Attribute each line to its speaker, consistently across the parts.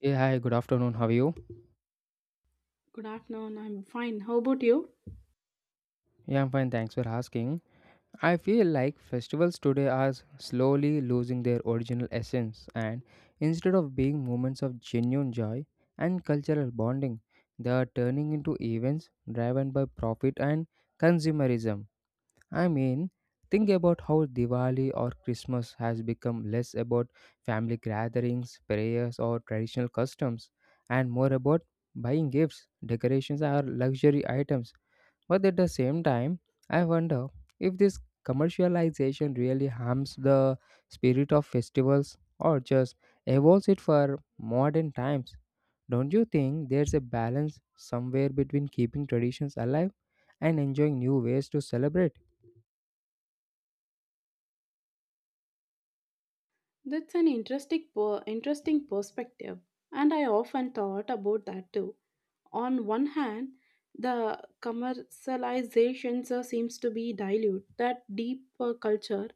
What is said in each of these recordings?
Speaker 1: Hey, hi, good afternoon. How are you?
Speaker 2: Good afternoon. I'm fine. How about you?
Speaker 1: Yeah, I'm fine. Thanks for asking. I feel like festivals today are slowly losing their original essence, and instead of being moments of genuine joy and cultural bonding, they are turning into events driven by profit and consumerism. I mean, think about how Diwali or Christmas has become less about family gatherings, prayers, or traditional customs, and more about buying gifts, decorations, or luxury items. But at the same time, I wonder if this commercialization really harms the spirit of festivals or just evolves it for modern times. Don't you think there's a balance somewhere between keeping traditions alive and enjoying new ways to celebrate?
Speaker 2: That's an interesting, interesting perspective, and I often thought about that too. On one hand, the commercialization seems to be dilute that deep culture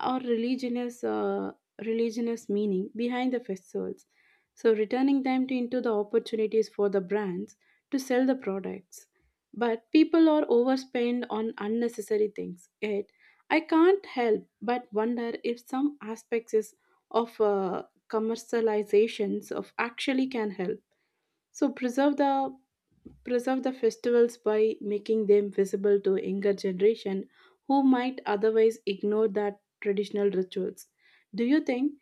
Speaker 2: or religious religious meaning behind the festivals, so returning them into the opportunities for the brands to sell the products. But people are overspent on unnecessary things. Yet, I can't help but wonder if some aspects is of commercializations of actually can help so preserve the festivals by making them visible to younger generation who might otherwise ignore that traditional rituals. Do you think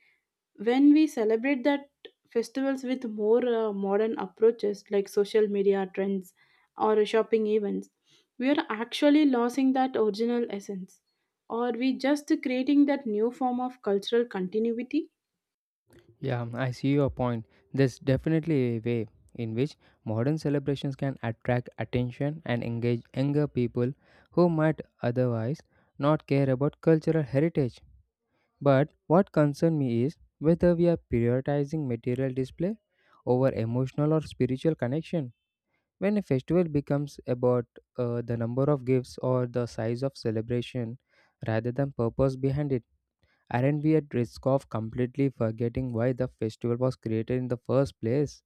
Speaker 2: when we celebrate that festivals with more modern approaches like social media trends or shopping events, we are actually losing that original essence, or we just creating that new form of cultural continuity?
Speaker 1: Yeah, I see your point. There's definitely a way in which modern celebrations can attract attention and engage younger people who might otherwise not care about cultural heritage. But what concerns me is whether we are prioritizing material display over emotional or spiritual connection. When a festival becomes about the number of gifts or the size of celebration rather than purpose behind it, aren't we at risk of completely forgetting why the festival was created in the first place?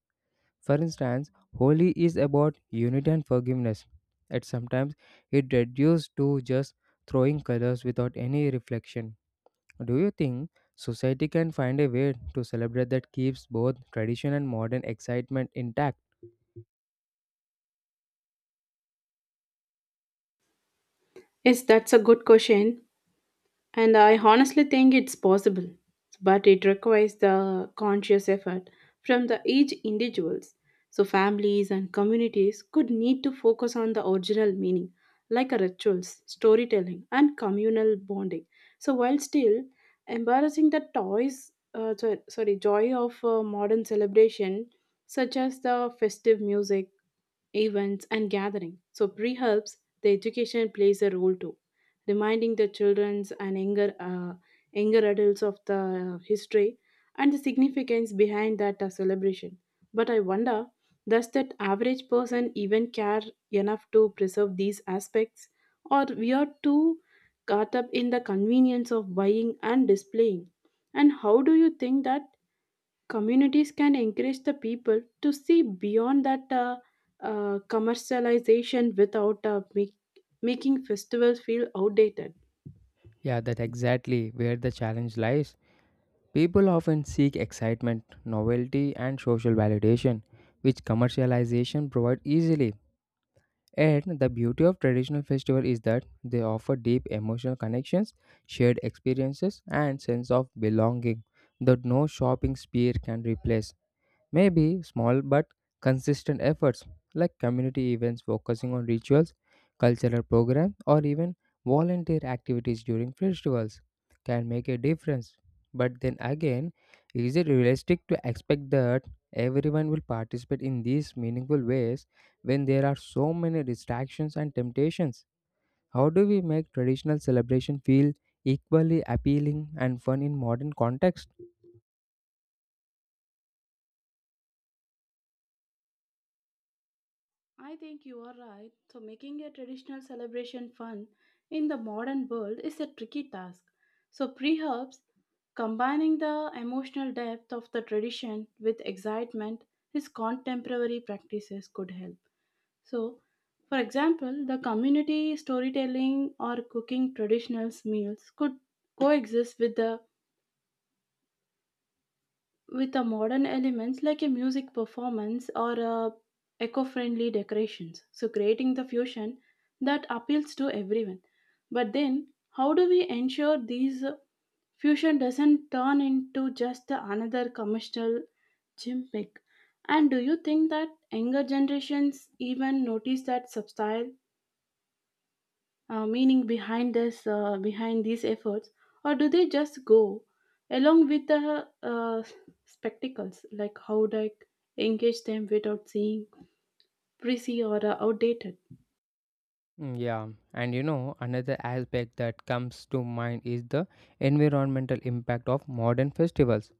Speaker 1: For instance, Holi is about unity and forgiveness, and sometimes it reduced to just throwing colors without any reflection. Do you think society can find a way to celebrate that keeps both tradition and modern excitement intact?
Speaker 2: Yes, that's a good question. And I honestly think it's possible, but it requires the conscious effort from the each individuals. So families and communities could need to focus on the original meaning, like a rituals, storytelling, and communal bonding. So while still embarrassing the toys, joy of modern celebration, such as the festive music events, and gathering. So pre helps the education plays a role too, reminding the childrens and younger younger adults of the history and the significance behind that celebration. But I wonder, does that average person even care enough to preserve these aspects, or we are too caught up in the convenience of buying and displaying? And how do you think that? Communities can encourage the people to see beyond that commercialization without making festivals feel outdated.
Speaker 1: Yeah, that's exactly where the challenge lies. People often seek excitement, novelty, and social validation, which commercialization provides easily. And the beauty of traditional festival is that they offer deep emotional connections, shared experiences, and sense of belonging that no shopping spree can replace. Maybe small but consistent efforts like community events focusing on rituals, cultural programs, or even volunteer activities during festivals can make a difference. But then again, is it realistic to expect that everyone will participate in these meaningful ways when there are so many distractions and temptations? How do we make traditional celebration feel equally appealing and fun in modern context?
Speaker 2: I think you are right. So, making a traditional celebration fun in the modern world is a tricky task. So, perhaps combining the emotional depth of the tradition with excitement, his contemporary practices could help. So, for example, the community storytelling or cooking traditional meals could coexist with the modern elements like a music performance or a eco-friendly decorations. So, creating the fusion that appeals to everyone. But then, how do we ensure these fusion doesn't turn into just another commercial gimmick? And do you think that younger generations even notice that subtle meaning behind this behind these efforts, or do they just go along with the spectacles? Like, how do I engage them without seeing prissy or outdated?
Speaker 1: Mm, yeah, and you know, another aspect that comes to mind is the environmental impact of modern festivals.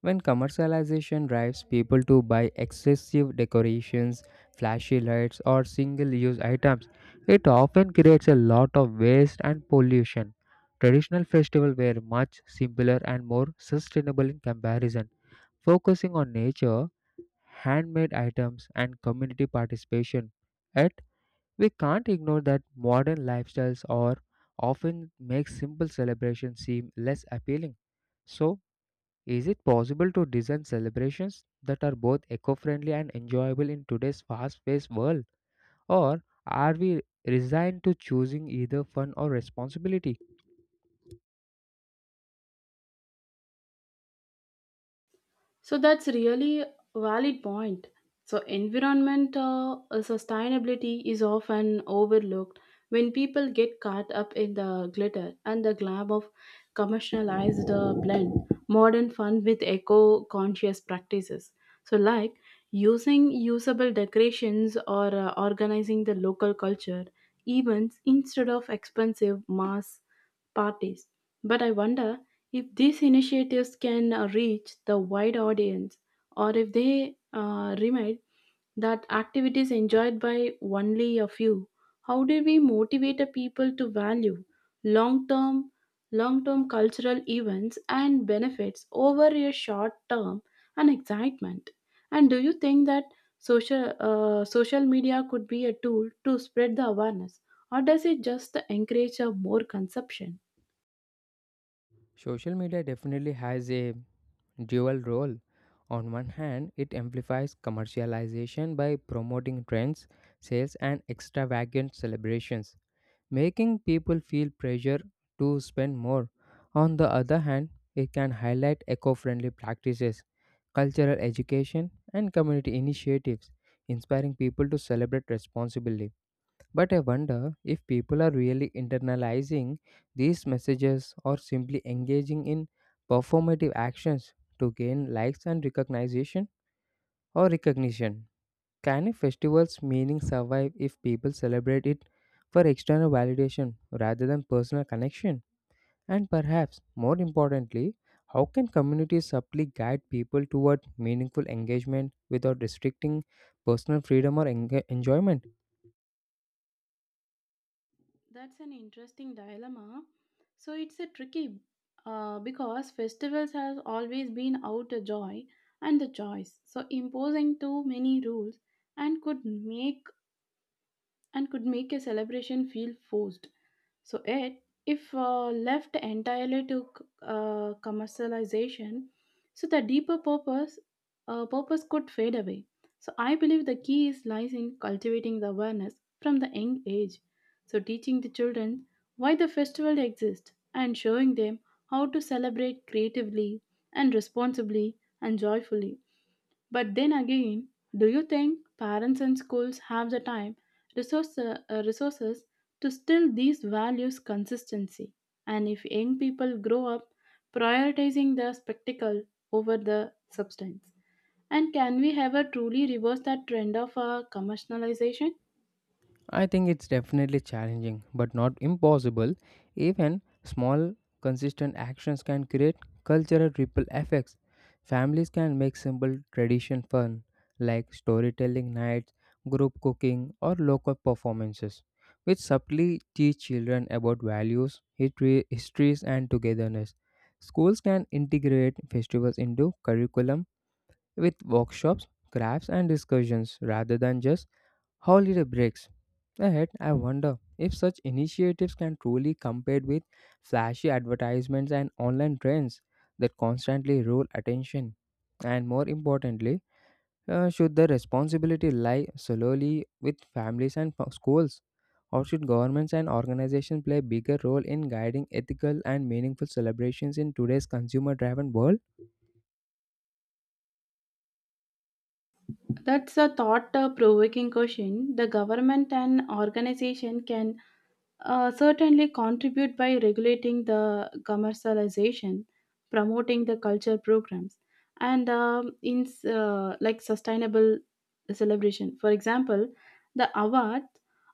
Speaker 1: When commercialization drives people to buy excessive decorations, flashy lights, or single use items, it often creates a lot of waste and pollution. Traditional festivals were much simpler and more sustainable in comparison, focusing on nature, handmade items, and community participation. We can't ignore that modern lifestyles are often make simple celebrations seem less appealing. So, is it possible to design celebrations that are both eco-friendly and enjoyable in today's fast-paced world? Or are we resigned to choosing either fun or responsibility?
Speaker 2: So that's really a valid point. So environment sustainability is often overlooked when people get caught up in the glitter and the glam of commercialized blend modern fun with eco-conscious practices. So like using usable decorations or organizing the local culture events instead of expensive mass parties. But I wonder if these initiatives can reach the wide audience, or if they remind that activities enjoyed by only a few. How do we motivate the people to value long term? long term cultural events and benefits over a short term and excitement? And do you think that social media could be a tool to spread the awareness, or does it just encourage a more consumption?
Speaker 1: Social media definitely has a dual role. On one hand, it amplifies commercialization by promoting trends, sales, and extravagant celebrations, making people feel pressure to spend more. On the other hand, it can highlight eco friendly practices, cultural education, and community initiatives, inspiring people to celebrate responsibly. But I wonder if people are really internalizing these messages or simply engaging in performative actions to gain likes and recognition or recognition. Can a festival's meaning survive if people celebrate it for external validation rather than personal connection? And perhaps more importantly, how can communities subtly guide people toward meaningful engagement without restricting personal freedom or enjoyment?
Speaker 2: That's an interesting dilemma. So it's a tricky because festivals has always been out a joy and the choice. So imposing too many rules and could make and could make a celebration feel forced. So it, if left entirely to commercialization, so the deeper purpose could fade away. So I believe the key is lies in cultivating the awareness from the young age. So teaching the children why the festival exists and showing them how to celebrate creatively and responsibly and joyfully. But then again, do you think parents and schools have the time, resource, uh, resources to still these values consistency? And if young people grow up prioritizing the spectacle over the substance? And can we ever truly reverse that trend of commercialization?
Speaker 1: I think it's definitely challenging, but not impossible. Even small, consistent actions can create cultural ripple effects. Families can make simple tradition fun, like storytelling nights, group cooking, or local performances, which subtly teach children about values, history, histories, and togetherness. Schools can integrate festivals into curriculum with workshops, crafts, and discussions rather than just holiday breaks. Ahead, I wonder if such initiatives can truly compete with flashy advertisements and online trends that constantly roll attention. And more importantly, should the responsibility lie solely with families and schools, or should governments and organizations play a bigger role in guiding ethical and meaningful celebrations in today's consumer driven world?
Speaker 2: That's a thought provoking question. The government and organization can certainly contribute by regulating the commercialization, promoting the culture programs, and like sustainable celebration. For example, the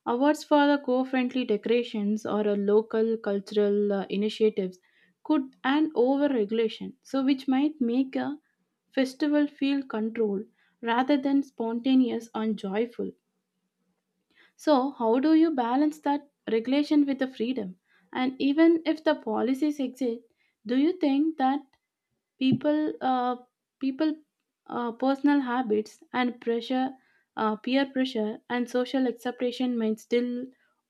Speaker 2: awards for the co-friendly decorations or a local cultural initiatives could and over regulation, so which might make a festival feel controlled rather than spontaneous and joyful. So, how do you balance that regulation with the freedom? And even if the policies exist, do you think that people, uh, people, personal habits and peer pressure and social acceptation might still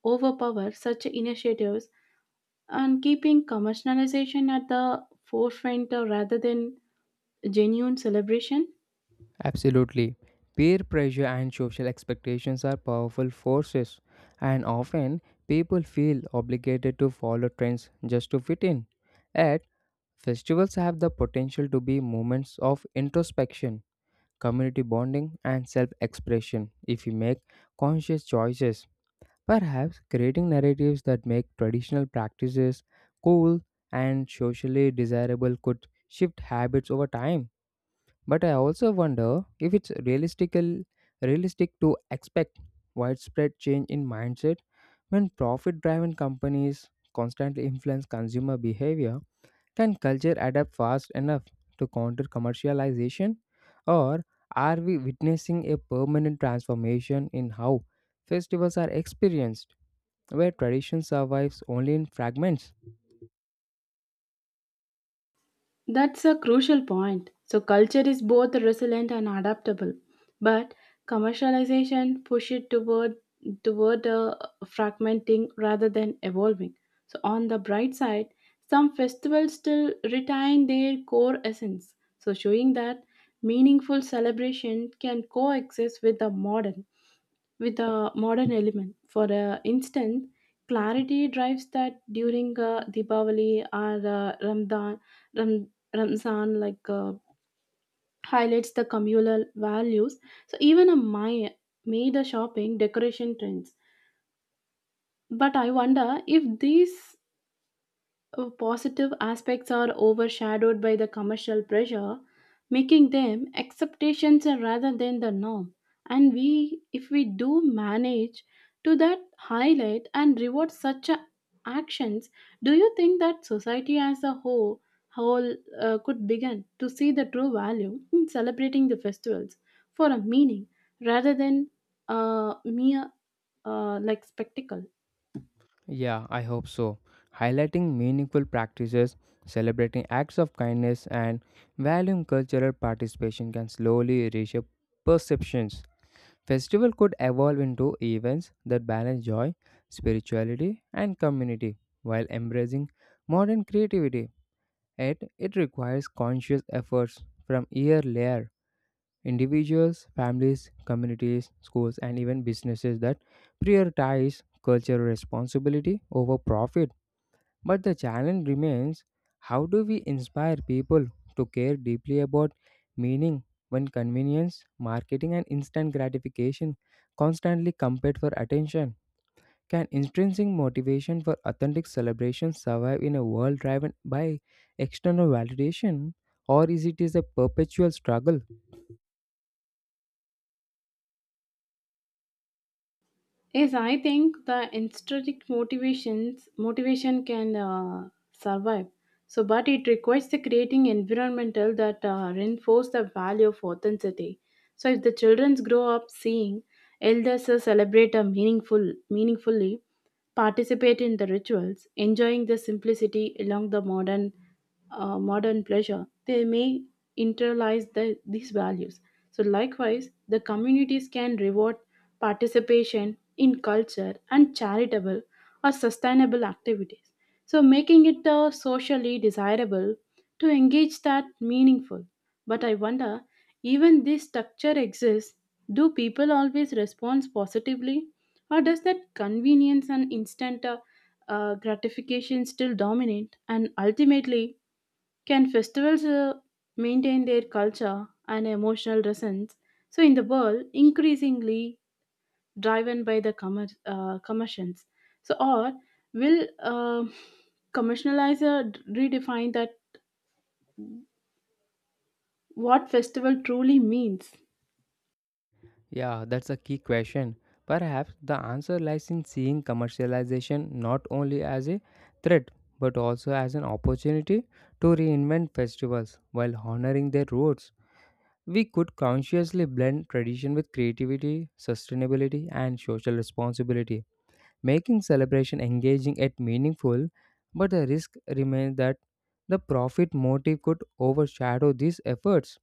Speaker 2: overpower such initiatives and keeping commercialization at the forefront rather than genuine celebration?
Speaker 1: Absolutely. Peer pressure and social expectations are powerful forces, and often people feel obligated to follow trends just to fit in. Yet, festivals have the potential to be moments of introspection, community bonding, and self expression if you make conscious choices. Perhaps creating narratives that make traditional practices cool and socially desirable could shift habits over time. But I also wonder if it's realistic to expect widespread change in mindset when profit driven companies constantly influence consumer behavior. Can culture adapt fast enough to counter commercialization? Or are we witnessing a permanent transformation in how festivals are experienced, where tradition survives only in fragments?
Speaker 2: That's a crucial point. So, culture is both resilient and adaptable, but commercialization push it toward fragmenting rather than evolving. So, on the bright side, some festivals still retain their core essence, so showing that meaningful celebration can coexist with a modern element. For instance, clarity drives that during Deepavali or Ram, Ramzan, like highlights the communal values. So even a Maya made the shopping decoration trends. But I wonder if these positive aspects are overshadowed by the commercial pressure, making them acceptations rather than the norm. And we, if we do manage to that highlight and reward actions, do you think that society as a whole could begin to see the true value in celebrating the festivals for a meaning rather than a mere like spectacle?
Speaker 1: Yeah, I hope so. Highlighting meaningful practices, celebrating acts of kindness, and valuing cultural participation can slowly reshape perceptions. Festival could evolve into events that balance joy, spirituality, and community while embracing modern creativity. Yet, it requires conscious efforts from year layer. Individuals, families, communities, schools, and even businesses that prioritize cultural responsibility over profit, but the challenge remains, how do we inspire people to care deeply about meaning when convenience, marketing, and instant gratification constantly compete for attention? Can intrinsic motivation for authentic celebration survive in a world driven by external validation, or is it is a perpetual struggle?
Speaker 2: Yes, I think the intrinsic motivation can survive. So, but it requires the creating environmental that reinforce the value of authenticity. So, if the children grow up seeing elders celebrate meaningfully, participate in the rituals, enjoying the simplicity along the modern, modern pleasure, they may internalize these values. So, likewise, the communities can reward participation in culture and charitable or sustainable activities. So, making it socially desirable to engage that meaningful. But I wonder, even this structure exists, do people always respond positively? Or does that convenience and instant gratification still dominate? And ultimately, can festivals maintain their culture and emotional resonance? So, in the world, increasingly driven by the commissions. So, or will commercializer redefine that what festival truly means?
Speaker 1: Yeah, that's a key question. Perhaps the answer lies in seeing commercialization not only as a threat but also as an opportunity to reinvent festivals while honoring their roots. We could consciously blend tradition with creativity, sustainability, and social responsibility, making celebration engaging yet meaningful. But the risk remains that the profit motive could overshadow these efforts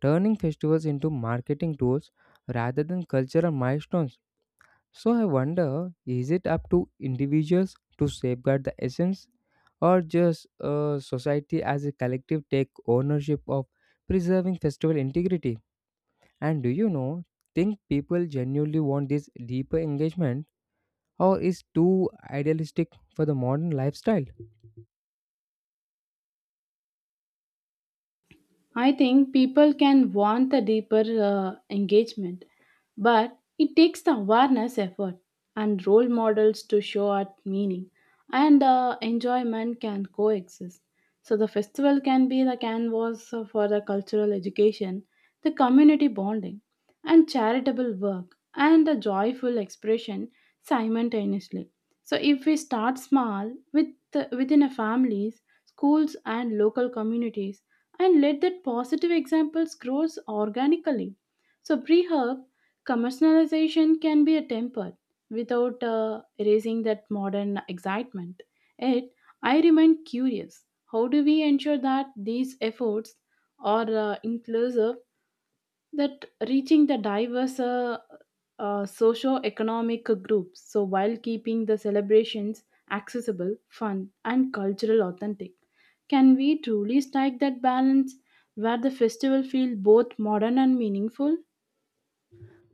Speaker 1: turning festivals into marketing tools rather than cultural milestones. So I wonder, is it up to individuals to safeguard the essence or just society as a collective take ownership of preserving festival integrity? And do you know think people genuinely want this deeper engagement or is too idealistic for the modern lifestyle?
Speaker 2: I think people can want the deeper engagement, but it takes the awareness effort and role models to show out meaning and enjoyment can coexist. So the festival can be the canvas for the cultural education, the community bonding, and charitable work and the joyful expression simultaneously. So if we start small with within a families, schools and local communities and let that positive examples grows organically. So pre herb commercialization can be a temper without erasing that modern excitement. Yet I remain curious. How do we ensure that these efforts are inclusive, that reaching the diverse socio-economic groups, so while keeping the celebrations accessible, fun and cultural authentic? Can we truly strike that balance where the festival feels both modern and meaningful?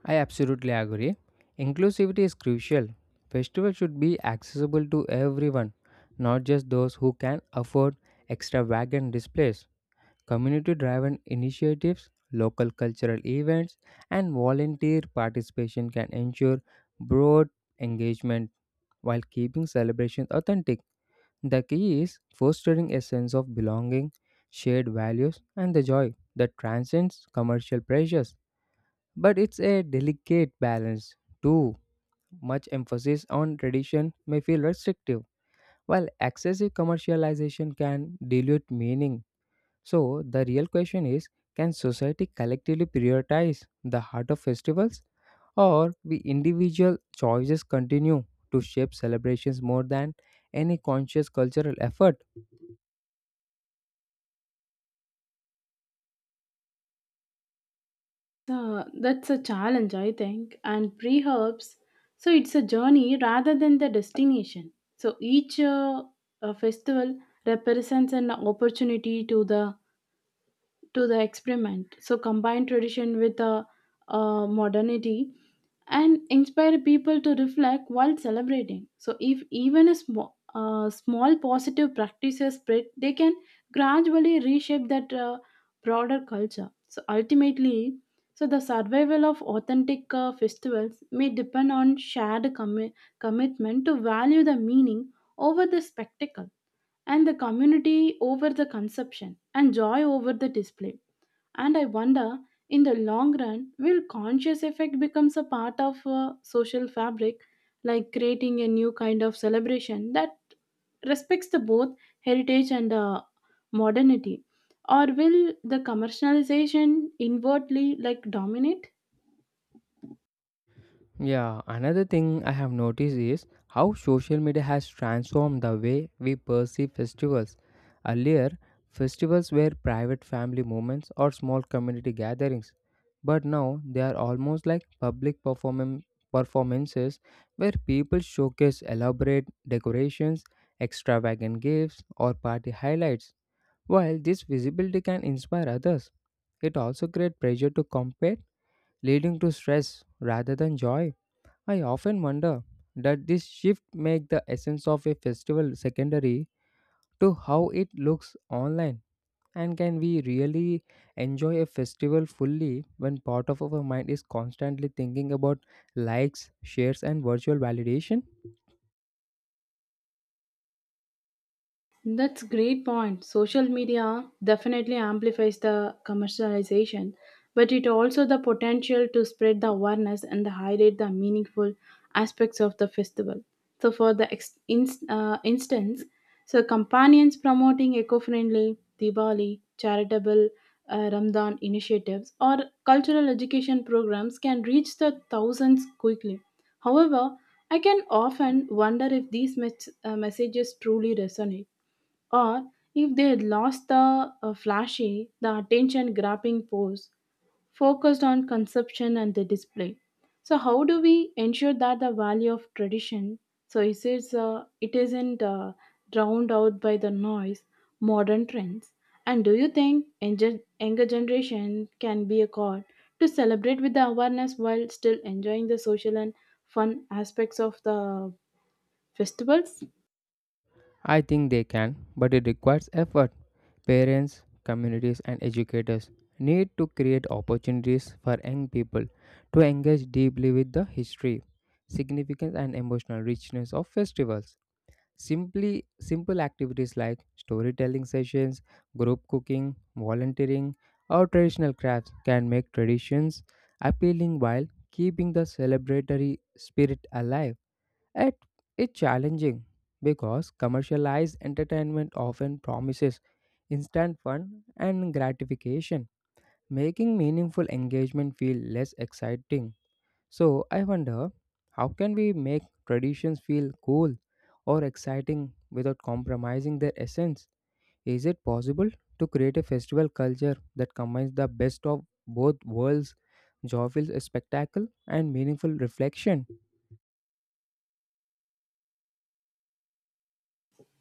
Speaker 1: I absolutely agree. Inclusivity is crucial. Festivals should be accessible to everyone, not just those who can afford extravagant displays. Community driven initiatives, local cultural events, and volunteer participation can ensure broad engagement while keeping celebrations authentic. The key is fostering a sense of belonging, shared values, and the joy that transcends commercial pressures. But it's a delicate balance. Too much emphasis on tradition may feel restrictive, while excessive commercialization can dilute meaning. So, the real question is, can society collectively prioritize the heart of festivals, or we individual choices continue to shape celebrations more than any conscious cultural effort?
Speaker 2: Uh, that's a challenge, I think, and pre-herbs, so it's a journey rather than the destination. So each festival represents an opportunity to the experiment. So combine tradition with modernity and inspire people to reflect while celebrating. So if even a small positive practices spread, they can gradually reshape that broader culture. So ultimately, so the survival of authentic festivals may depend on shared commitment to value the meaning over the spectacle and the community over the consumption and joy over the display. And I wonder, in the long run, will conscious effect becomes a part of a social fabric, like creating a new kind of celebration that respects the both heritage and modernity, or will the commercialization inwardly like dominate?
Speaker 1: Yeah, another thing I have noticed is how social media has transformed the way we perceive festivals. Earlier, festivals were private family moments or small community gatherings, but now they are almost like public performances where people showcase elaborate decorations, extravagant gifts, or party highlights. While this visibility can inspire others, it also creates pressure to compete, leading to stress rather than joy. I often wonder that this shift make the essence of a festival secondary to how it looks online, and can we really enjoy a festival fully when part of our mind is constantly thinking about likes, shares and virtual validation?
Speaker 2: That's great point. Social media definitely amplifies the commercialization, but it also the potential to spread the awareness and highlight the meaningful aspects of the festival. So, for the instance, so companions promoting eco-friendly Diwali, charitable Ramadan initiatives, or cultural education programs can reach the thousands quickly. However, I can often wonder if these messages truly resonate, or if they had lost the flashy, the attention grabbing pose focused on consumption and the display. So how do we ensure that the value of tradition so it is it isn't drowned out by the noise modern trends? And do you think younger generation can be a call to celebrate with the awareness while still enjoying the social and fun aspects of the festivals?
Speaker 1: I think they can, but it requires effort. Parents, communities, and educators need to create opportunities for young people to engage deeply with the history, significance, and emotional richness of festivals. Simply Simple activities like storytelling sessions, group cooking, volunteering, or traditional crafts can make traditions appealing while keeping the celebratory spirit alive. Yet, it's challenging because commercialized entertainment often promises instant fun and gratification, making meaningful engagement feel less exciting. So I wonder, how can we make traditions feel cool or exciting without compromising their essence? Is it possible to create a festival culture that combines the best of both worlds, joyful spectacle and meaningful reflection?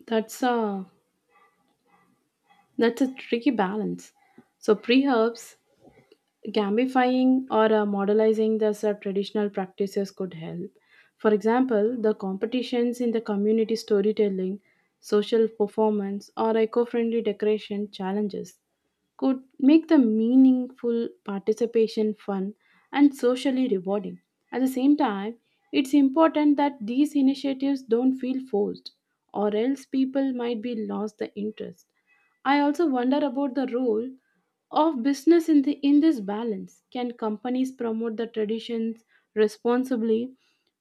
Speaker 2: That's a That's a tricky balance. So, pre herbs gamifying or modelizing the traditional practices could help. For example, the competitions in the community storytelling, social performance, or eco friendly decoration challenges could make the meaningful participation fun and socially rewarding. At the same time, it's important that these initiatives don't feel forced, or else people might be lost the interest. I also wonder about the role of business in the in this balance. Can companies promote the traditions responsibly?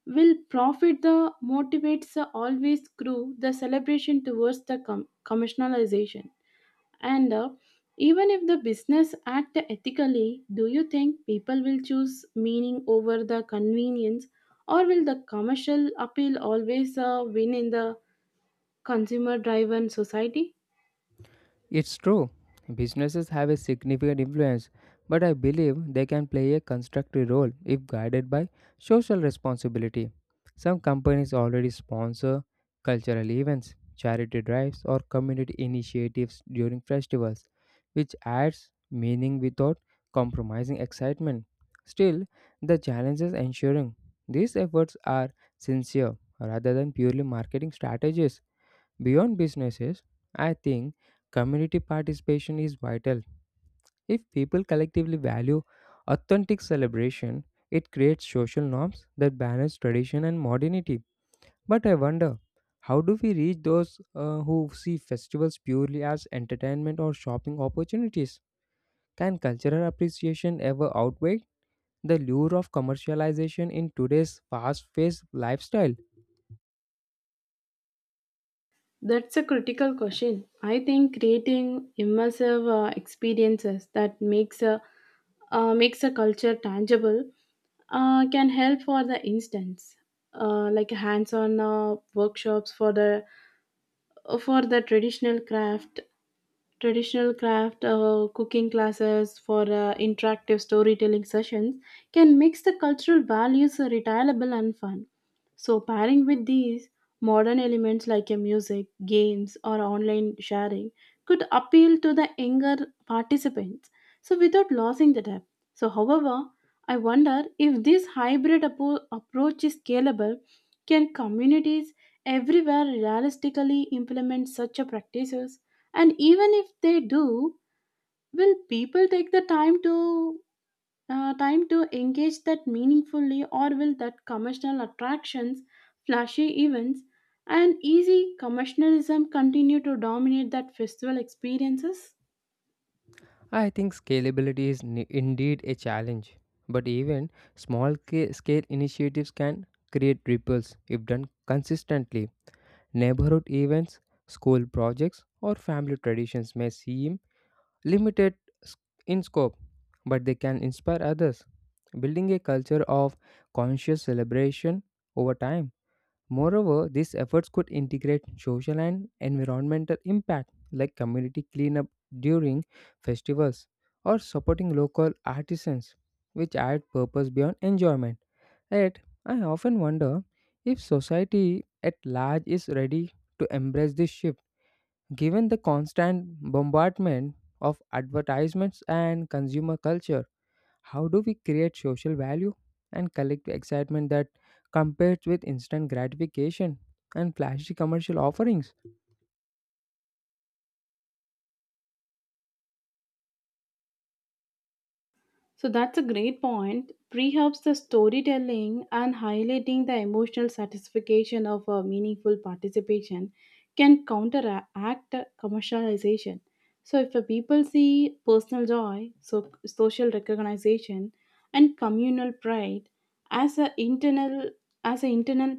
Speaker 2: Will profit the motivates the always crew the celebration towards the commercialization, and even if the business act ethically, do you think people will choose meaning over the convenience, or will the commercial appeal always win in the consumer driven society?
Speaker 1: It's true. Businesses have a significant influence, but I believe they can play a constructive role if guided by social responsibility. Some companies already sponsor cultural events, charity drives, or community initiatives during festivals, which adds meaning without compromising excitement. Still, the challenge is ensuring these efforts are sincere rather than purely marketing strategies. Beyond businesses, I think community participation is vital. If people collectively value authentic celebration, it creates social norms that balance tradition and modernity. But I wonder, how do we reach those who see festivals purely as entertainment or shopping opportunities? Can cultural appreciation ever outweigh the lure of commercialization in today's fast paced lifestyle?
Speaker 2: That's a critical question. I think creating immersive experiences that makes a culture tangible can help. For the instance, like hands-on workshops for the uh, for the traditional craft, traditional craft cooking classes for interactive storytelling sessions can mix the cultural values retailable and fun. So, pairing with these modern elements like a music, games, or online sharing could appeal to the younger participants. So, without losing the depth. So, however, I wonder if this hybrid approach is scalable. Can communities everywhere realistically implement such a practices? And even if they do, will people take the time to engage that meaningfully, or will that commercial attractions, flashy events and easy commercialism continue to dominate that festival experiences?
Speaker 1: I think scalability is indeed a challenge, but even small scale initiatives can create ripples if done consistently. Neighborhood events, school projects, or family traditions may seem limited s- in scope, but they can inspire others, building a culture of conscious celebration over time. Moreover, these efforts could integrate social and environmental impact like community cleanup during festivals or supporting local artisans, which add purpose beyond enjoyment. Yet, I often wonder if society at large is ready to embrace this shift, given the constant bombardment of advertisements and consumer culture. How do we create social value and collective excitement that compares with instant gratification and flashy commercial offerings?
Speaker 2: So that's a great point. Pre helps the storytelling and highlighting the emotional satisfaction of a meaningful participation can counteract commercialization. So if a people see personal joy, so social recognition and communal pride as a internal as an internal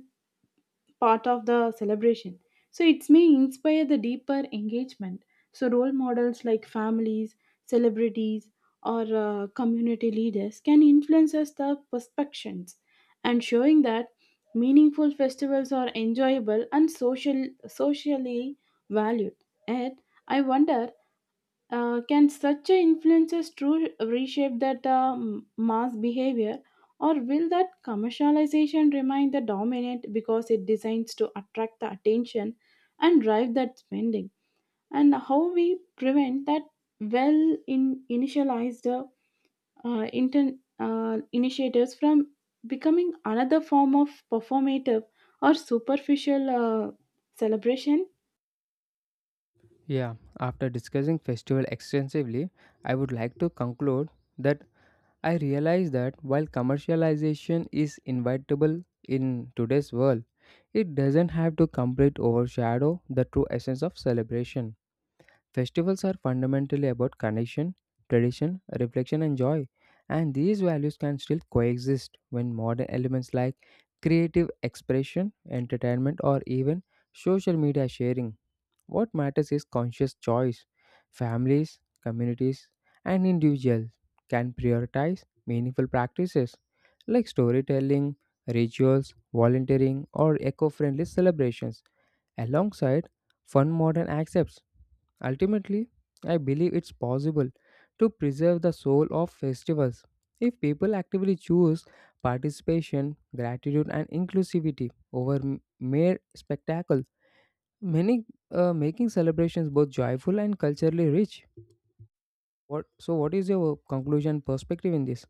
Speaker 2: part of the celebration. So it may inspire the deeper engagement. So role models like families, celebrities, or community leaders can influence us the perspectives and showing that meaningful festivals are enjoyable and socially valued. Yet, I wonder, can such a influences true reshape that mass behavior, or will that commercialization remain the dominant because it designs to attract the attention and drive that spending? And how we prevent that well in initialized initiators from becoming another form of performative or superficial celebration?
Speaker 1: Yeah, after discussing festival extensively, I would like to conclude that I realize that while commercialization is inevitable in today's world, it doesn't have to completely overshadow the true essence of celebration. Festivals are fundamentally about connection, tradition, reflection, and joy, and these values can still coexist when modern elements like creative expression, entertainment, or even social media sharing. What matters is conscious choice. Families, communities, and individuals can prioritize meaningful practices like storytelling, rituals, volunteering, or eco friendly celebrations alongside fun modern accepts. Ultimately, I believe it's possible to preserve the soul of festivals if people actively choose participation, gratitude, and inclusivity over mere spectacle, many making celebrations both joyful and culturally rich. What, so, what is your conclusion perspective in this?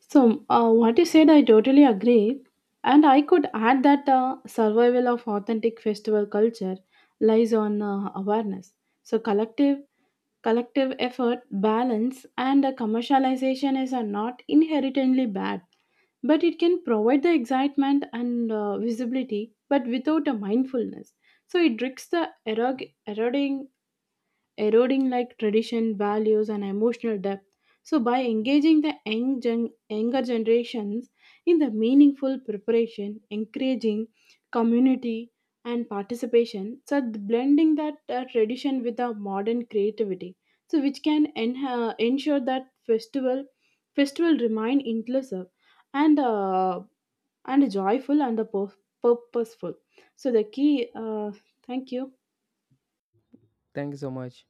Speaker 2: So, what you said, I totally agree. And I could add that survival of authentic festival culture lies on awareness. So, collective effort, balance, and commercialization is not inherently bad, but it can provide the excitement and visibility, but without a mindfulness. So, it risks the eroding like tradition, values, and emotional depth. So, by engaging the younger generations in the meaningful preparation, encouraging community and participation, so blending that tradition with the modern creativity, so which can ensure that festival remain inclusive and uh, and joyful and the purposeful. So the key. Thank you.
Speaker 1: Thank you so much.